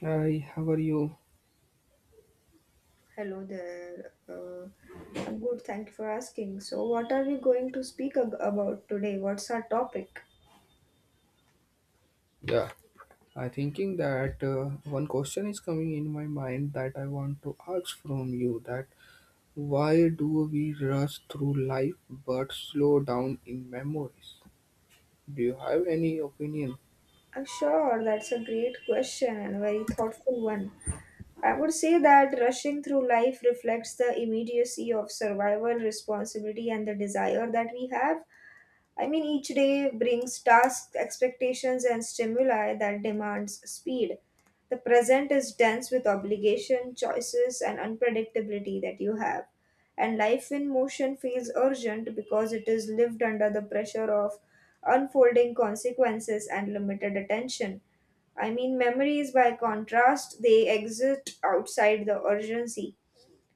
Hi, how are you? Hello there. I'm good. Thank you for asking. So, what are we going to speak about today? What's our topic? Yeah, I thinking that one question is coming in my mind that I want to ask from you that why do we rush through life but slow down in memories? Do you have any opinion? Sure, that's a great question and a very thoughtful one. I would say that rushing through life reflects the immediacy of survival, responsibility, and the desire that we have. I mean, each day brings tasks, expectations, and stimuli that demands speed. The present is dense with obligation, choices, and unpredictability that you have. And life in motion feels urgent because it is lived under the pressure of unfolding consequences and limited attention. I mean, memories, by contrast, they exist outside the urgency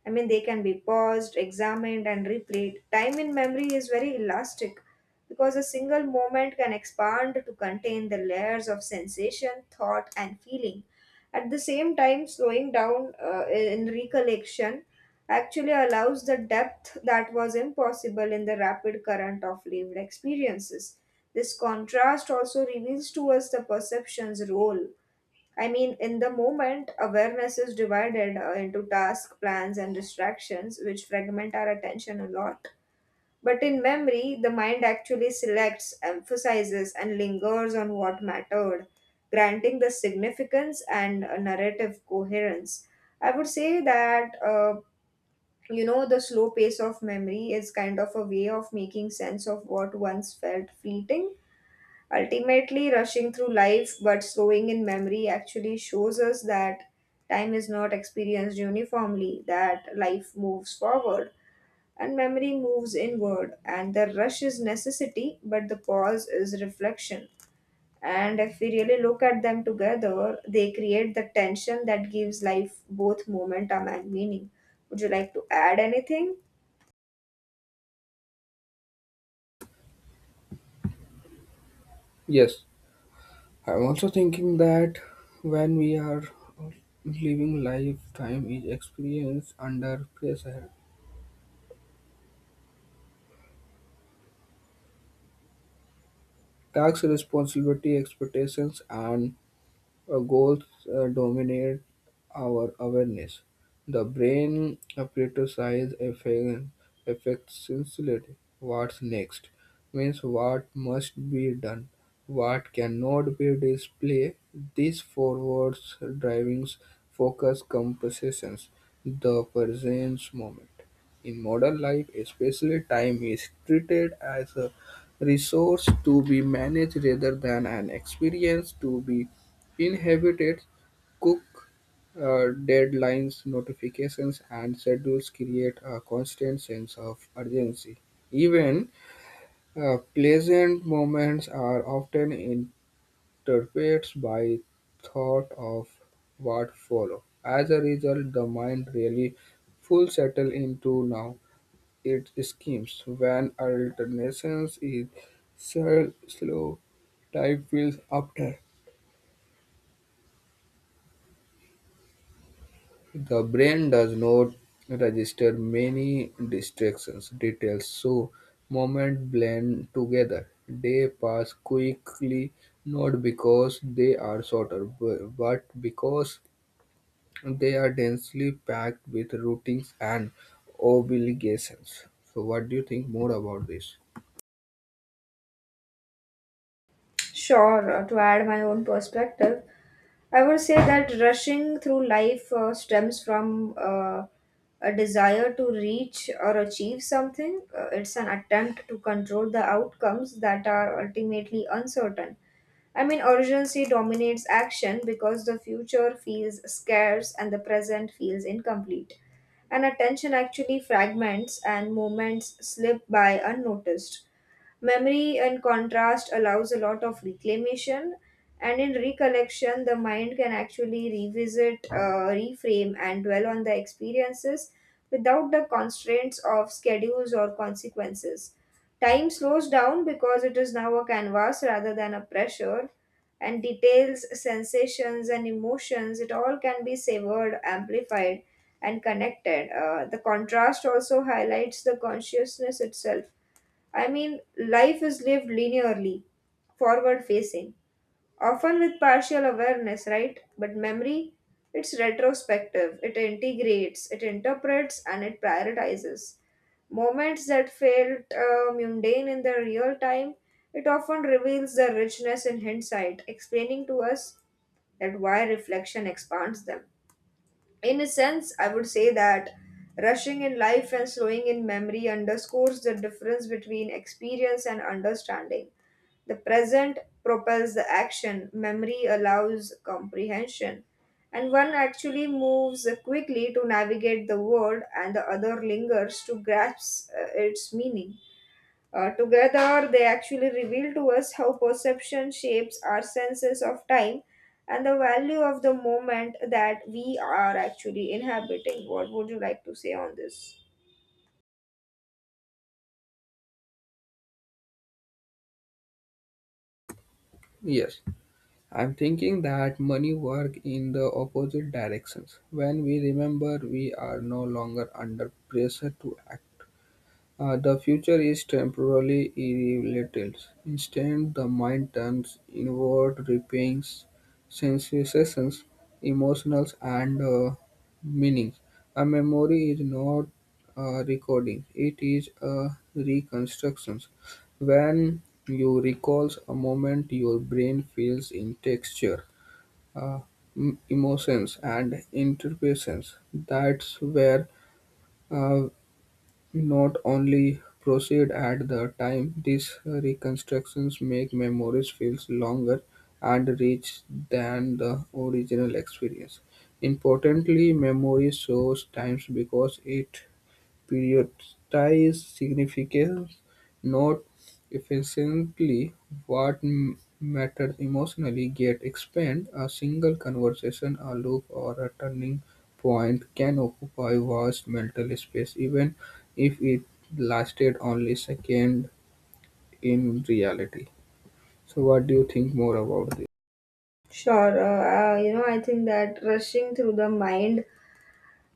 I mean, they can be paused, examined, and replayed. Time in memory is very elastic because a single moment can expand to contain the layers of sensation, thought, and feeling. At the same time, slowing down in recollection actually allows the depth that was impossible in the rapid current of lived experiences. This contrast also reveals to us the perception's role. I mean, in the moment, awareness is divided into task, plans, and distractions, which fragment our attention a lot. But in memory, the mind actually selects, emphasizes, and lingers on what mattered, granting the significance and a narrative coherence. I would say that, the slow pace of memory is kind of a way of making sense of what once felt fleeting. Ultimately, rushing through life but slowing in memory actually shows us that time is not experienced uniformly, that life moves forward and memory moves inward, and the rush is necessity, but the pause is reflection. And if we really look at them together, they create the tension that gives life both momentum and meaning. Would you like to add anything? Yes, I'm also thinking that when we are living life, time is experienced under pressure, tax responsibility, expectations, and goals dominate our awareness. The brain prioritizes effectively what's next, means what must be done, what cannot be displayed. These forwards drivings focus compositions, the present moment. In modern life, especially time is treated as a resource to be managed rather than an experience to be inhibited. Cook deadlines, notifications, and schedules create a constant sense of urgency. Even pleasant moments are often interrupted by thought of what follow. As a result, the mind really full settle into now its schemes. When alternations is slow, time feels after. The brain does not register many distractions details, so moments blend together. They pass quickly, not because they are shorter, but because they are densely packed with routines and obligations. So, what do you think more about this? Sure, to add my own perspective. I would say that rushing through life stems from a desire to reach or achieve something. It's an attempt to control the outcomes that are ultimately uncertain. I mean, urgency dominates action because the future feels scarce and the present feels incomplete. And attention actually fragments and moments slip by unnoticed. Memory, in contrast, allows a lot of reclamation, and in recollection, the mind can actually revisit, reframe, and dwell on the experiences without the constraints of schedules or consequences. Time slows down because it is now a canvas rather than a pressure, and details, sensations, and emotions, it all can be savored, amplified, and connected. The contrast also highlights the consciousness itself. I mean, life is lived linearly, forward facing, often with partial awareness, right? But memory, it's retrospective, it integrates, it interprets, and it prioritizes. Moments that felt mundane in the real time, it often reveals their richness in hindsight, explaining to us that why reflection expands them. In a sense, I would say that rushing in life and slowing in memory underscores the difference between experience and understanding. The present propels the action, memory allows comprehension, and one actually moves quickly to navigate the world, and the other lingers to grasp its meaning. Together, they actually reveal to us how perception shapes our senses of time and the value of the moment that we are actually inhabiting. What would you like to say on this? Yes, I'm thinking that money work in the opposite directions. When we remember, we are no longer under pressure to act. The future is temporally irrelevant. Instead, the mind turns inward, repaying sensations, emotions, and meanings. A memory is not a recording, it is a reconstruction. When you recall a moment, your brain feels in texture, uh, emotions, and interpretations. That's where uh, not only proceed at the time, these reconstructions make memories feel longer and rich than the original experience. Importantly, memory shows times because it periodizes significance. Note efficiently what matters emotionally get explained; a single conversation, a look, or a turning point can occupy vast mental space even if it lasted only second in reality. So what do you think more about this? Sure. You know, I think that rushing through the mind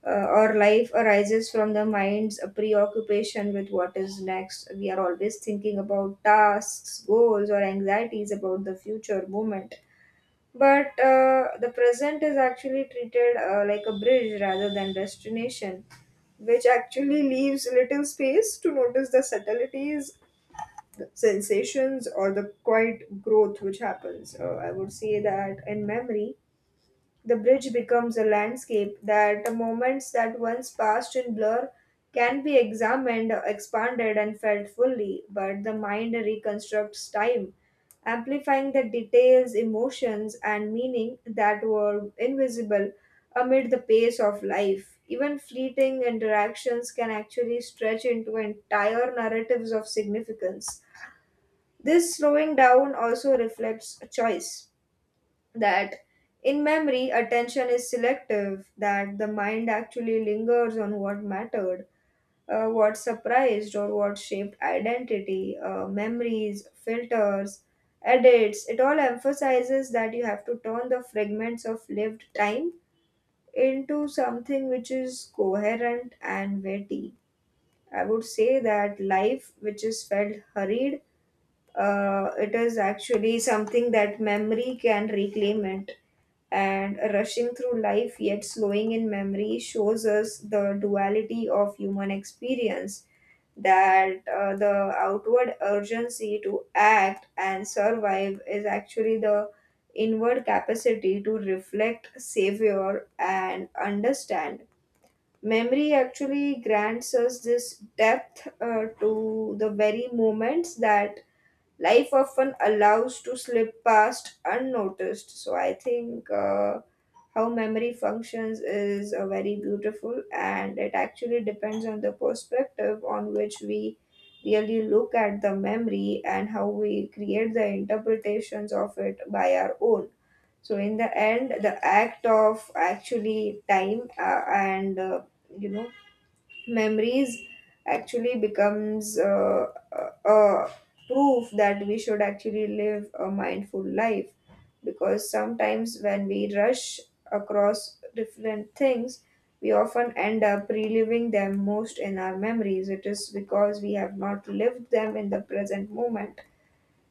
or life arises from the mind's preoccupation with what is next. We are always thinking about tasks, goals, or anxieties about the future moment. But the present is actually treated like a bridge rather than destination, which actually leaves little space to notice the subtleties, the sensations, or the quiet growth which happens. I would say that in memory, the bridge becomes a landscape that moments that once passed in blur can be examined, expanded, and felt fully, but the mind reconstructs time, amplifying the details, emotions, and meaning that were invisible amid the pace of life. Even fleeting interactions can actually stretch into entire narratives of significance. This slowing down also reflects a choice that in memory attention is selective that the mind actually lingers on what mattered what surprised or what shaped identity memories filters edits it all emphasizes that you have to turn the fragments of lived time into something which is coherent and weighty. I would say that life which is felt hurried, it is actually something that memory can reclaim it, and rushing through life yet slowing in memory shows us the duality of human experience, that the outward urgency to act and survive is actually the inward capacity to reflect savor and understand. Memory actually grants us this depth to the very moments that life often allows to slip past unnoticed. So I think how memory functions is very beautiful, and it actually depends on the perspective on which we really look at the memory and how we create the interpretations of it by our own. So in the end, the act of actually time uh, and uh, you know memories actually becomes uh, uh, proof that we should actually live a mindful life, because sometimes when we rush across different things, we often end up reliving them most in our memories. It is because we have not lived them in the present moment.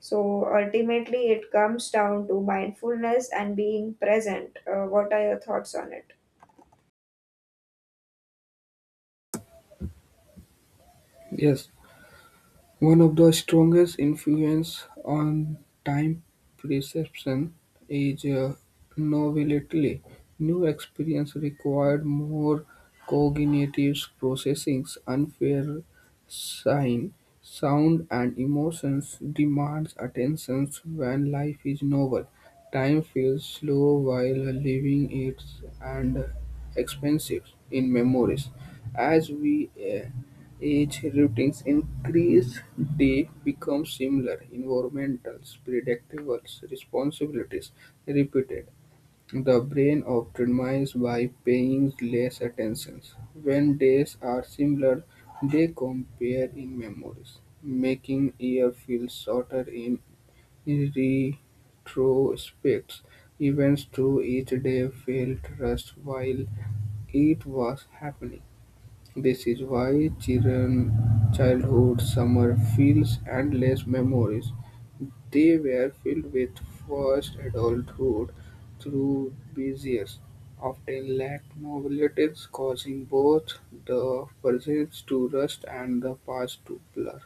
So ultimately it comes down to mindfulness and being present. What are your thoughts on it? Yes, one of the strongest influences on time perception is novelty. New experience required more cognitive processing, unfair sign, sound, and emotions demands attention when life is novel. Time feels slow while living it and expensive in memories. As we age, routines increase, they become similar, environmentals, predictables, responsibilities repeated. The brain optimizes by paying less attention. When days are similar, they compare in memories, making year feel shorter in retrospect. Events through each day felt rushed while it was happening. This is why children childhood summer feels endless memories. They were filled with first adulthood through busier, often lack novelties, causing both the present to rust and the past to blur.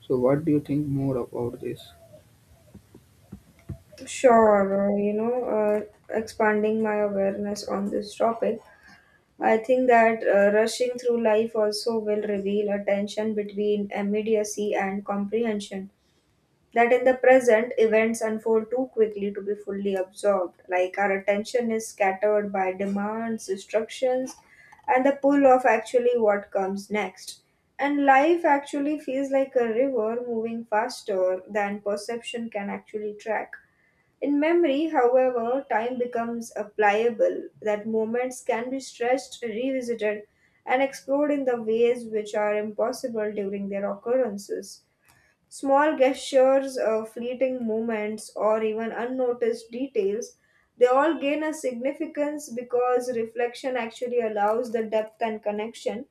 So, what do you think more about this? Sure, you know, expanding my awareness on this topic, I think that rushing through life also will reveal a tension between immediacy and comprehension. That in the present, events unfold too quickly to be fully absorbed. Like our attention is scattered by demands, instructions, and the pull of actually what comes next. And life actually feels like a river moving faster than perception can actually track. In memory, however, time becomes a pliable, that moments can be stretched, revisited, and explored in the ways which are impossible during their occurrences. Small gestures, fleeting moments, or even unnoticed details, they all gain a significance because reflection actually allows the depth and connection,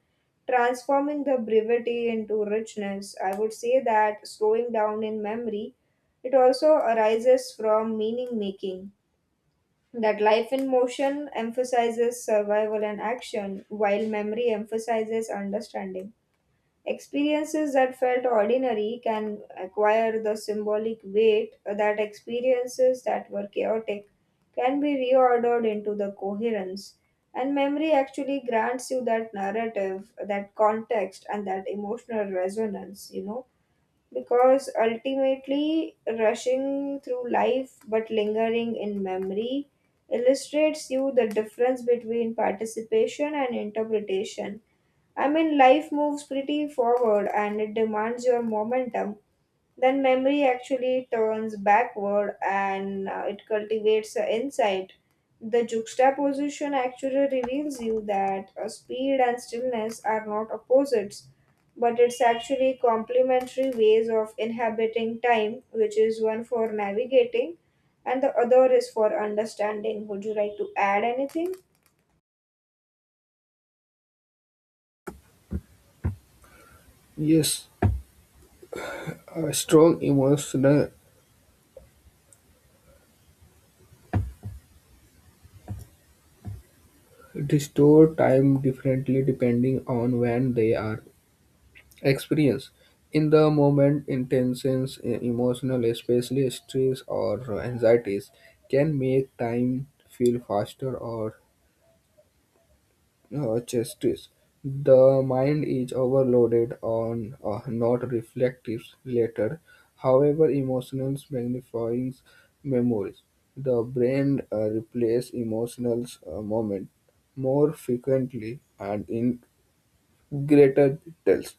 transforming the brevity into richness. I would say that slowing down in memory, it also arises from meaning making. That life in motion emphasizes survival and action, while memory emphasizes understanding. Experiences that felt ordinary can acquire the symbolic weight that experiences that were chaotic can be reordered into the coherence. And memory actually grants you that narrative, that context, and that emotional resonance, you know, because ultimately rushing through life but lingering in memory illustrates you the difference between participation and interpretation. I mean, life moves pretty forward and it demands your momentum. Then memory actually turns backward and it cultivates insight. The juxtaposition actually reveals you that speed and stillness are not opposites, but it's actually complementary ways of inhabiting time, which is one for navigating and the other is for understanding. Would you like to add anything? Yes, a strong emotional distort time differently depending on when they are experience in the moment intense emotional especially stress or anxieties can make time feel faster or chesty. The mind is overloaded on not reflective later. However emotions magnifying memories, the brain replaces emotional moment more frequently and in greater details.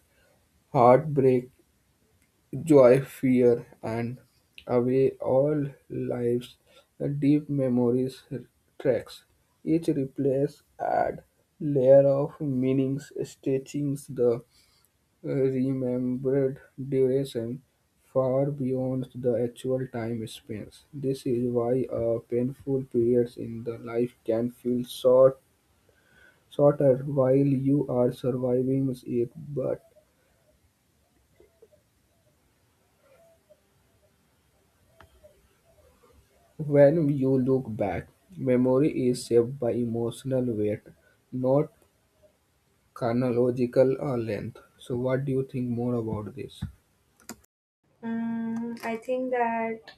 Heartbreak, joy, fear, and away all lives, deep memories tracks. Each replace add layer of meanings, stretching the remembered duration far beyond the actual time spans. This is why a painful periods in the life can feel short, shorter while you are surviving it, but when you look back, memory is shaped by emotional weight, not chronological length. So, what do you think more about this? Mm, I think that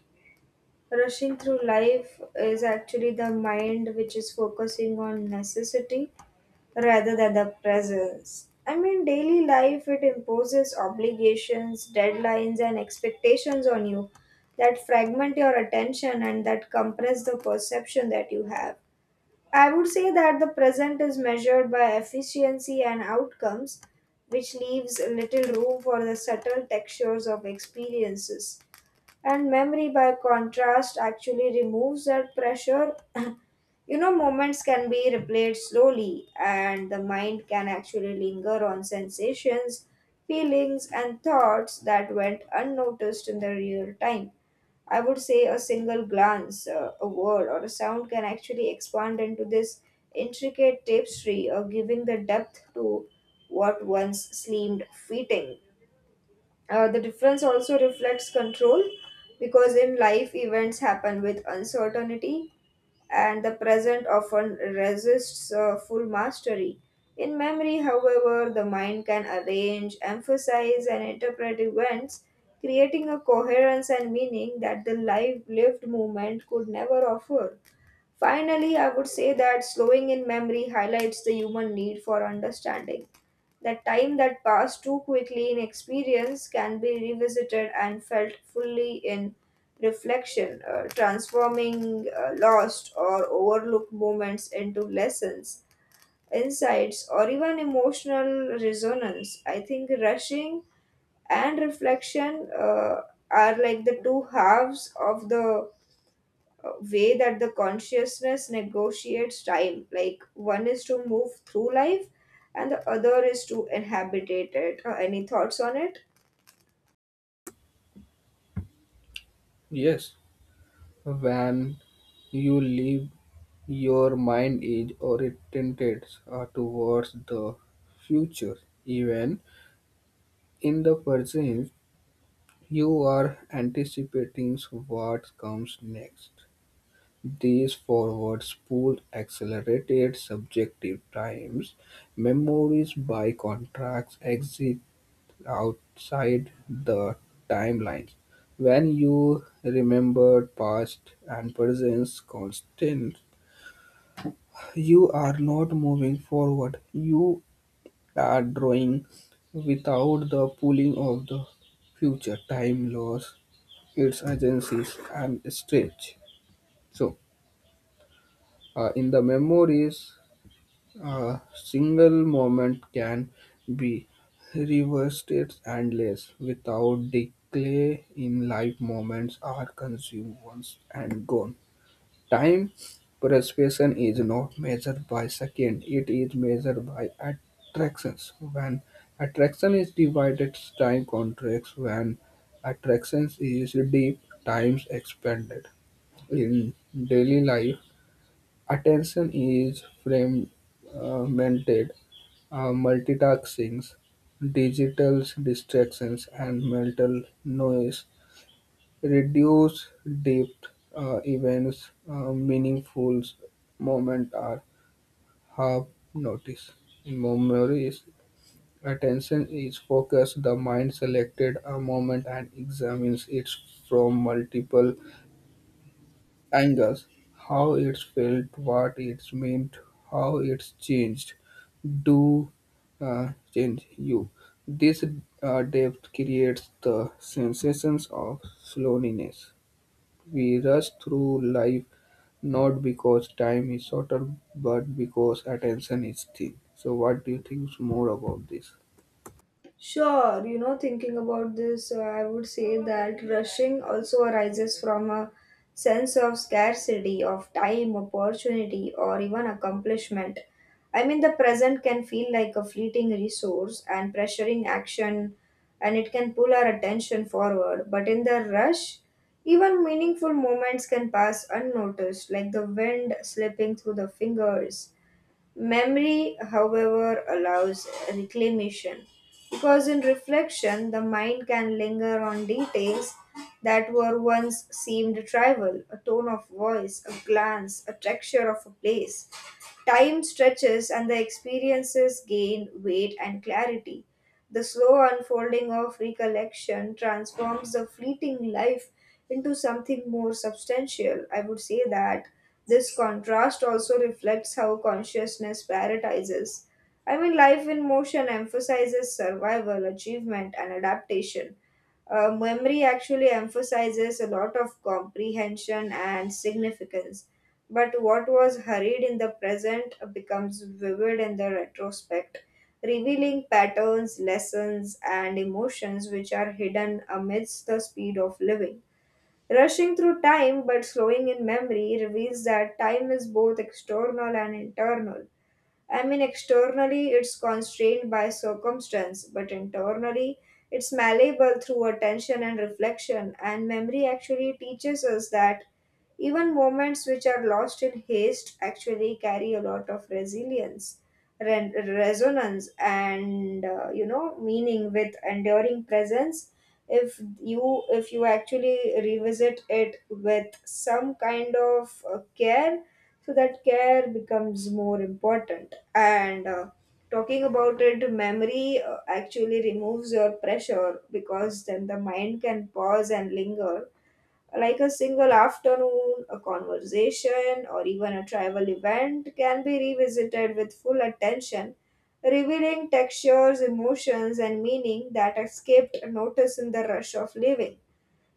rushing through life is actually the mind which is focusing on necessity rather than the presence. I mean, daily life it imposes obligations, deadlines, and expectations on you that fragment your attention and that compress the perception that you have. I would say that the present is measured by efficiency and outcomes, which leaves little room for the subtle textures of experiences. And memory, by contrast, actually removes that pressure. You know, moments can be replayed slowly, and the mind can actually linger on sensations, feelings, and thoughts that went unnoticed in the real time. I would say a single glance, a word, or a sound can actually expand into this intricate tapestry, giving the depth to what once seemed fleeting. The difference also reflects control because in life events happen with uncertainty and the present often resists full mastery. In memory, however, the mind can arrange, emphasize, and interpret events, creating a coherence and meaning that the life lived moment could never offer. Finally, I would say that slowing in memory highlights the human need for understanding. The time that passed too quickly in experience can be revisited and felt fully in reflection, transforming lost or overlooked moments into lessons, insights, or even emotional resonance. I think rushing and reflection are like the two halves of the way that the consciousness negotiates time. Like one is to move through life, and the other is to inhabitate it. Any thoughts on it? Yes, when you live, your mind is oriented towards the future. Even in the present, you are anticipating what comes next. These forward spool accelerated subjective times memories by contrast exist outside the timelines. When you remember past and present constant, you are not moving forward. You are drawing without the pulling of the future. Time loss its agencies and stretch. So, in the memories, a single moment can be reversed endless without decay in life. Moments are consumed once and gone. Time perception is not measured by second, it is measured by attractions. When attraction is divided, time contracts. When attraction is deep, time expanded. In daily life, attention is fragmented multitasking, digital distractions, and mental noise reduce deep events. Meaningful moments are half noticed. In memories, attention is focused. The mind selected a moment and examines it from multiple angles, how it's felt, what it's meant, how it's changed, do change you. This depth creates the sensations of slowness. We rush through life not because time is shorter, but because attention is thin. So, what do you think more about this? Sure, you know, thinking about this, I would say that rushing also arises from a sense of scarcity of time, opportunity, or even accomplishment. I mean, the present can feel like a fleeting resource and pressuring action, and it can pull our attention forward. But in the rush, even meaningful moments can pass unnoticed, like the wind slipping through the fingers. Memory, however, allows reclamation because in reflection the mind can linger on details that were once seemed trivial, a tone of voice, a glance, a texture of a place. Time stretches and the experiences gain weight and clarity. The slow unfolding of recollection transforms the fleeting life into something more substantial. I would say that this contrast also reflects how consciousness prioritizes. I mean, life in motion emphasizes survival, achievement, and adaptation, memory actually emphasizes a lot of comprehension and significance, but what was hurried in the present becomes vivid in the retrospect, revealing patterns, lessons, and emotions which are hidden amidst the speed of living. Rushing through time but slowing in memory reveals that time is both external and internal. I mean, externally it's constrained by circumstance, but internally it's malleable through attention and reflection. And memory actually teaches us that even moments which are lost in haste actually carry a lot of resilience, resonance, and meaning with enduring presence. If you actually revisit it with some kind of care, so that care becomes more important and talking about it, memory actually removes your pressure because then the mind can pause and linger. Like a single afternoon, a conversation, or even a travel event can be revisited with full attention, revealing textures, emotions, and meaning that escaped notice in the rush of living.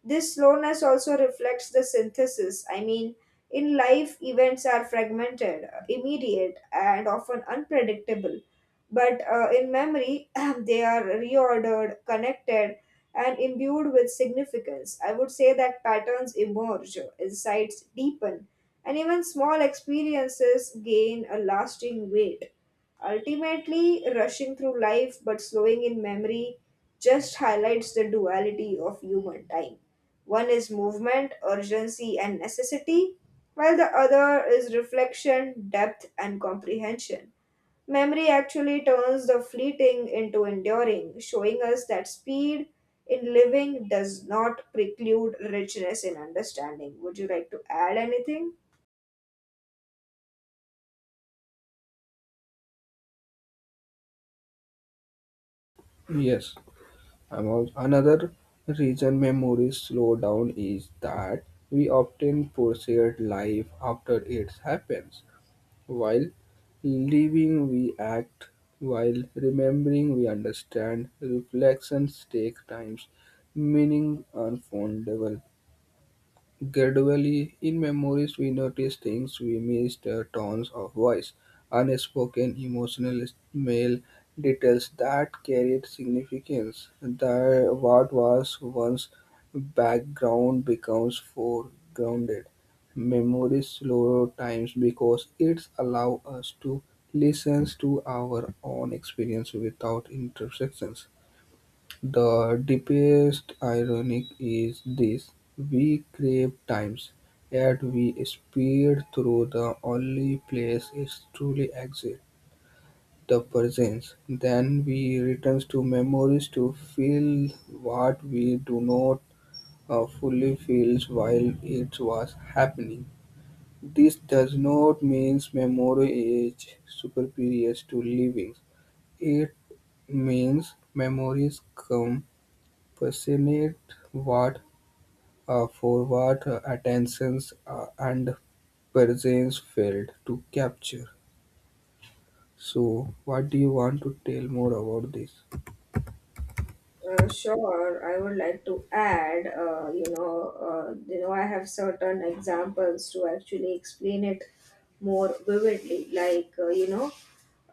This slowness also reflects the synthesis. I mean, in life, events are fragmented, immediate, and often unpredictable. But in memory, they are reordered, connected, and imbued with significance. I would say that patterns emerge, insights deepen, and even small experiences gain a lasting weight. Ultimately, rushing through life but slowing in memory just highlights the duality of human time. One is movement, urgency, and necessity, while the other is reflection, depth, and comprehension. Memory actually turns the fleeting into enduring, showing us that speed in living does not preclude richness in understanding. Would you like to add anything? Yes. Among another reason memories slow down is that we often process life after it happens. While living, we act. While remembering, we understand. Reflections take time. Meaning unfoldable. Gradually, in memories, we notice things we missed, tones of voice, unspoken emotional mail details that carried significance. The, what was once background becomes foregrounded. Memories slow times because it allows us to listen to our own experience without interruptions. The deepest ironic is this: we crave times, yet we speed through the only place it truly exists, the present. Then we return to memories to feel what we do not fully feel while it was happening. This does not mean memory is superior to living. It means memories come passionate what for forward attention and presence failed to capture. So, what do you want to tell more about this? Sure, I would like to add, I have certain examples to actually explain it more vividly. Like, you know,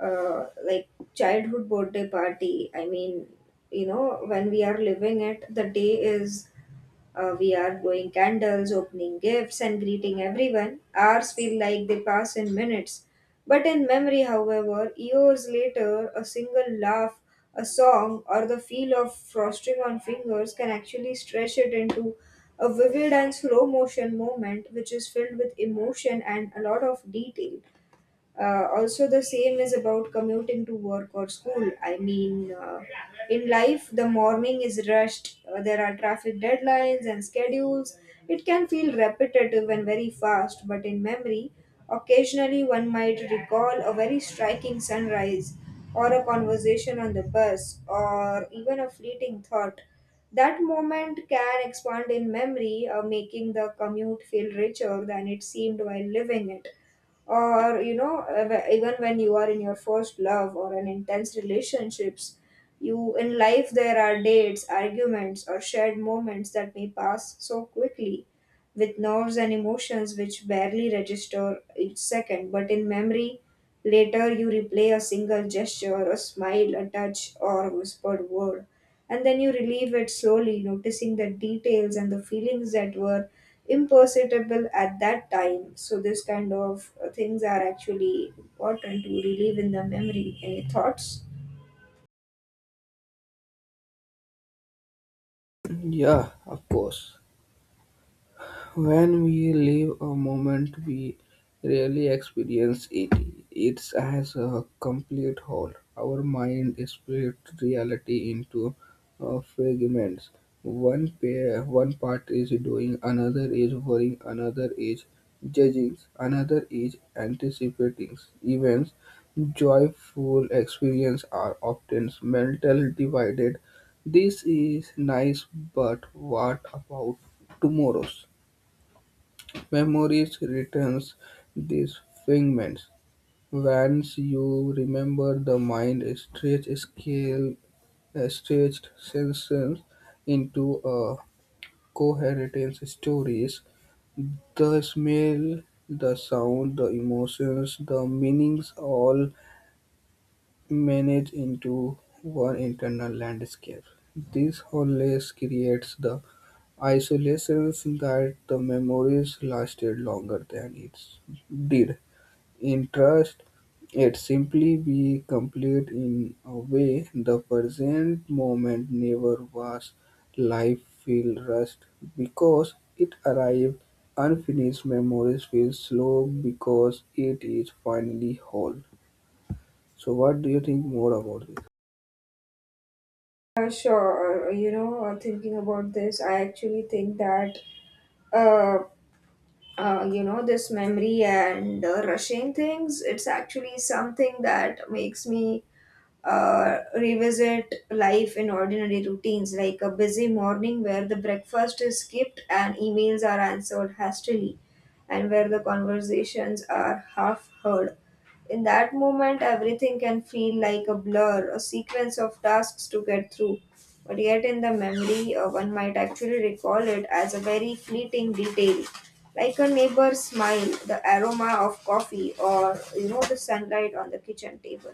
like childhood birthday party. I mean, when we are living it, the day is we are blowing candles, opening gifts, and greeting everyone. Hours feel like they pass in minutes. But in memory, however, years later, a single laugh, a song, or the feel of frosting on fingers can actually stretch it into a vivid and slow motion moment which is filled with emotion and a lot of detail. Also, the same is about commuting to work or school. In life, the morning is rushed. There are traffic deadlines and schedules. It can feel repetitive and very fast, but in memory, occasionally one might recall a very striking sunrise, or a conversation on the bus, or even a fleeting thought. That moment can expand in memory, making the commute feel richer than it seemed while living it. Or even when you are in your first love or an intense relationships, you in life there are dates, arguments, or shared moments that may pass so quickly with nerves and emotions which barely register each second, but in memory, later you replay a single gesture, a smile, a touch, or a whispered word, and then you relieve it slowly, noticing the details and the feelings that were imperceptible at that time. So, this kind of things are actually important to relieve in the memory. Any thoughts? Yeah, of course. When we live a moment, we really experience it. It's as a complete whole. Our mind splits reality into fragments. One pair, one part is doing, another is worrying, another is judging, another is anticipating events. Joyful experience are often mentally divided. This is nice, but what about tomorrow's? Memories returns these fragments. Once you remember, the mind stretches scale, stretched senses into a coherent stories. The smell, the sound, the emotions, the meanings all manage into one internal landscape. This wholeness creates the isolations that the memories lasted longer than it did. Interest it simply be complete in a way the present moment never was. Life feel rushed because it arrived unfinished. Memories feel slow because it is finally whole. So what do you think more about this? Sure, thinking about this, I actually think that. Um, uh, you know, this memory and rushing things, it's actually something that makes me revisit life in ordinary routines, like a busy morning where the breakfast is skipped and emails are answered hastily, and where the conversations are half heard. In that moment, everything can feel like a blur, a sequence of tasks to get through. But yet, in the memory, one might actually recall it as a very fleeting detail, like a neighbor's smile, the aroma of coffee, or the sunlight on the kitchen table.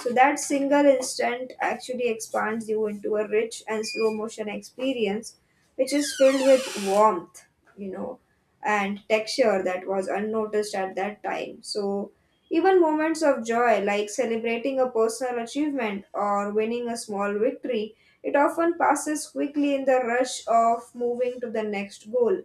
So that single instant actually expands you into a rich and slow motion experience, which is filled with warmth, you know, and texture that was unnoticed at that time. So even moments of joy, like celebrating a personal achievement or winning a small victory, it often passes quickly in the rush of moving to the next goal.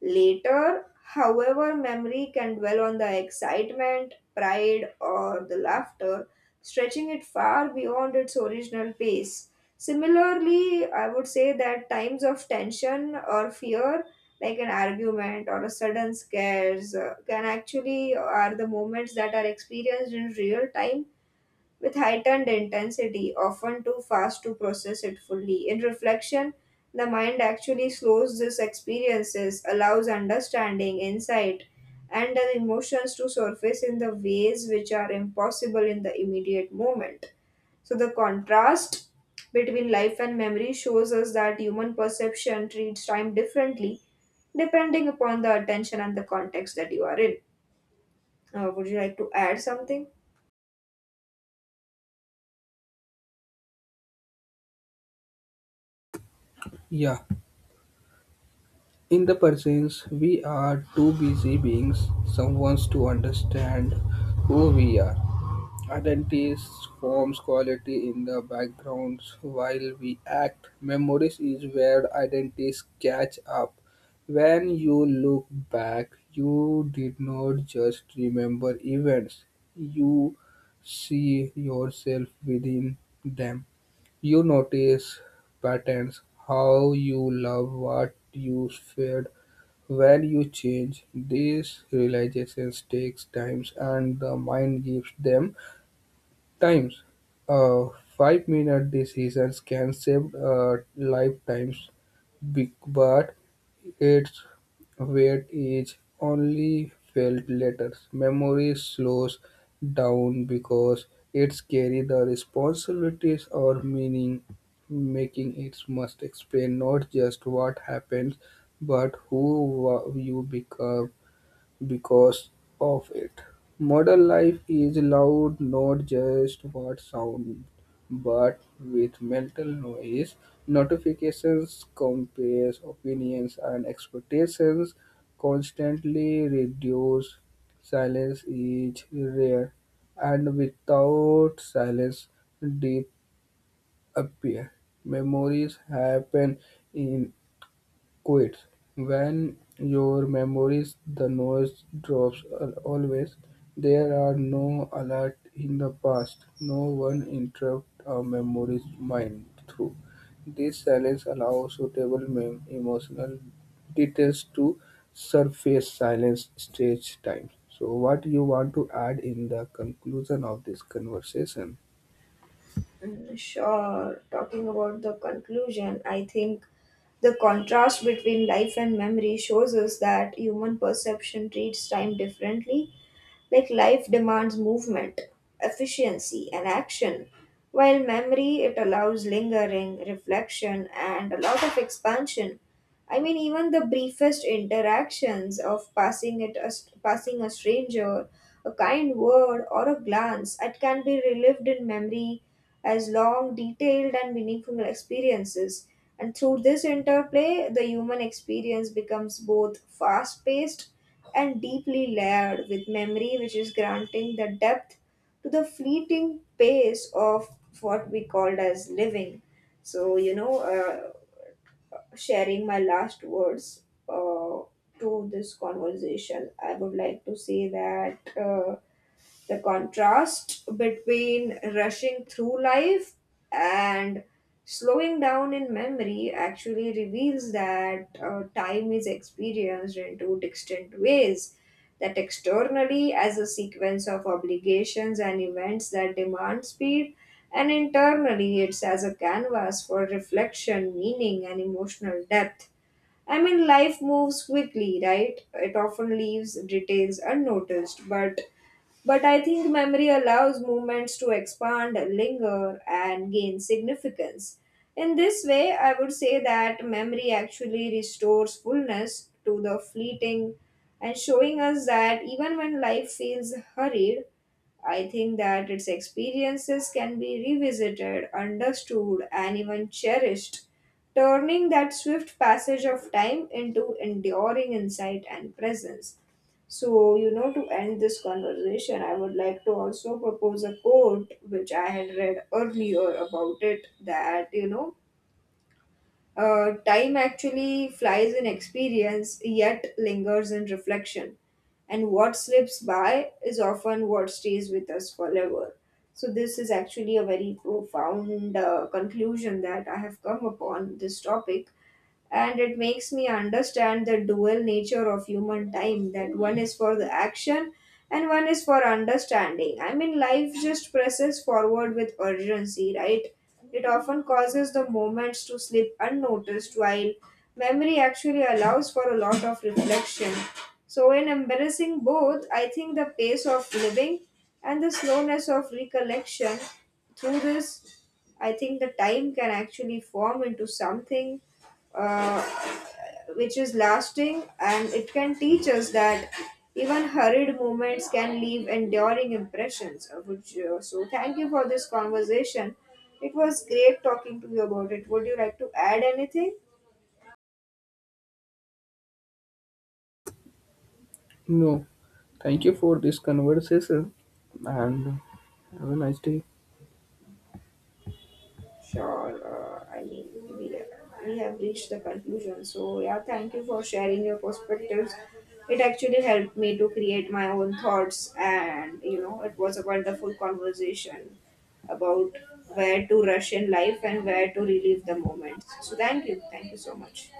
Later, however, memory can dwell on the excitement, pride, or the laughter, stretching it far beyond its original pace. Similarly, I would say that times of tension or fear, like an argument or a sudden scares, can actually are the moments that are experienced in real time with heightened intensity, often too fast to process it fully. In reflection, the mind actually slows these experiences, allows understanding, insight, and the emotions to surface in the ways which are impossible in the immediate moment. So, the contrast between life and memory shows us that human perception treats time differently depending upon the attention and the context that you are in. Would you like to add something? Yeah, in the presence we are too busy beings someone's to understand who we are. Identity forms quality in the backgrounds while we act. Memories is where identities catch up. When you look back, you did not just remember events, you see yourself within them. You notice patterns, how you love what you feared, when you change. These realizations takes time and the mind gives them times. Uh, five-minute decisions can save lifetimes, but its weight is only felt later. Memory slows down because it's carry the responsibilities or meaning making. It must explain not just what happens but you become because of it. Modern life is loud not just what sound but with mental noise, notifications, compares, opinions and expectations constantly reduce. Silence is rare and without silence deep appear. Memories happen in quits. When your memories the noise drops always. There are no alert in the past. No one interrupt a memory's mind through. This silence allows suitable emotional details to surface silence stage time. So what you want to add in the conclusion of this conversation? Mm, sure. Talking about the conclusion, I think the contrast between life and memory shows us that human perception treats time differently. Like life demands movement, efficiency, and action, while memory it allows lingering, reflection, and a lot of expansion. I mean, even the briefest interactions of passing a stranger, a kind word, or a glance, it can be relived in memory as long, detailed, and meaningful experiences. And through this interplay, the human experience becomes both fast paced and deeply layered with memory, which is granting the depth to the fleeting pace of what we called as living. So, sharing my last words uh, to this conversation, I would like to say that. The contrast between rushing through life and slowing down in memory actually reveals that time is experienced in two distinct ways, that externally as a sequence of obligations and events that demand speed, and internally it's as a canvas for reflection, meaning, and emotional depth. I mean, life moves quickly, right? It often leaves details unnoticed, but I think memory allows movements to expand, linger, and gain significance. In this way, I would say that memory actually restores fullness to the fleeting and showing us that even when life feels hurried, I think that its experiences can be revisited, understood, and even cherished, turning that swift passage of time into enduring insight and presence. So, to end this conversation, I would like to also propose a quote which I had read earlier about it, that, time actually flies in experience, yet lingers in reflection. And what slips by is often what stays with us forever. So, this is actually a very profound conclusion that I have come upon this topic, and it makes me understand the dual nature of human time, that one is for the action and one is for understanding. I mean, life just presses forward with urgency, right? It often causes the moments to slip unnoticed, while memory actually allows for a lot of reflection. So in embracing both, I think the pace of living and the slowness of recollection, through this, I think the time can actually form into something uh, which is lasting, and it can teach us that even hurried moments can leave enduring impressions so thank you for this conversation. It was great talking to you about it. Would you like to add anything? No. Thank you for this conversation and have a nice day. Sure, I mean, we have reached the conclusion. So, yeah, thank you for sharing your perspectives. It actually helped me to create my own thoughts, and it was a wonderful conversation about where to rush in life and where to relive the moment. So, thank you. Thank you so much.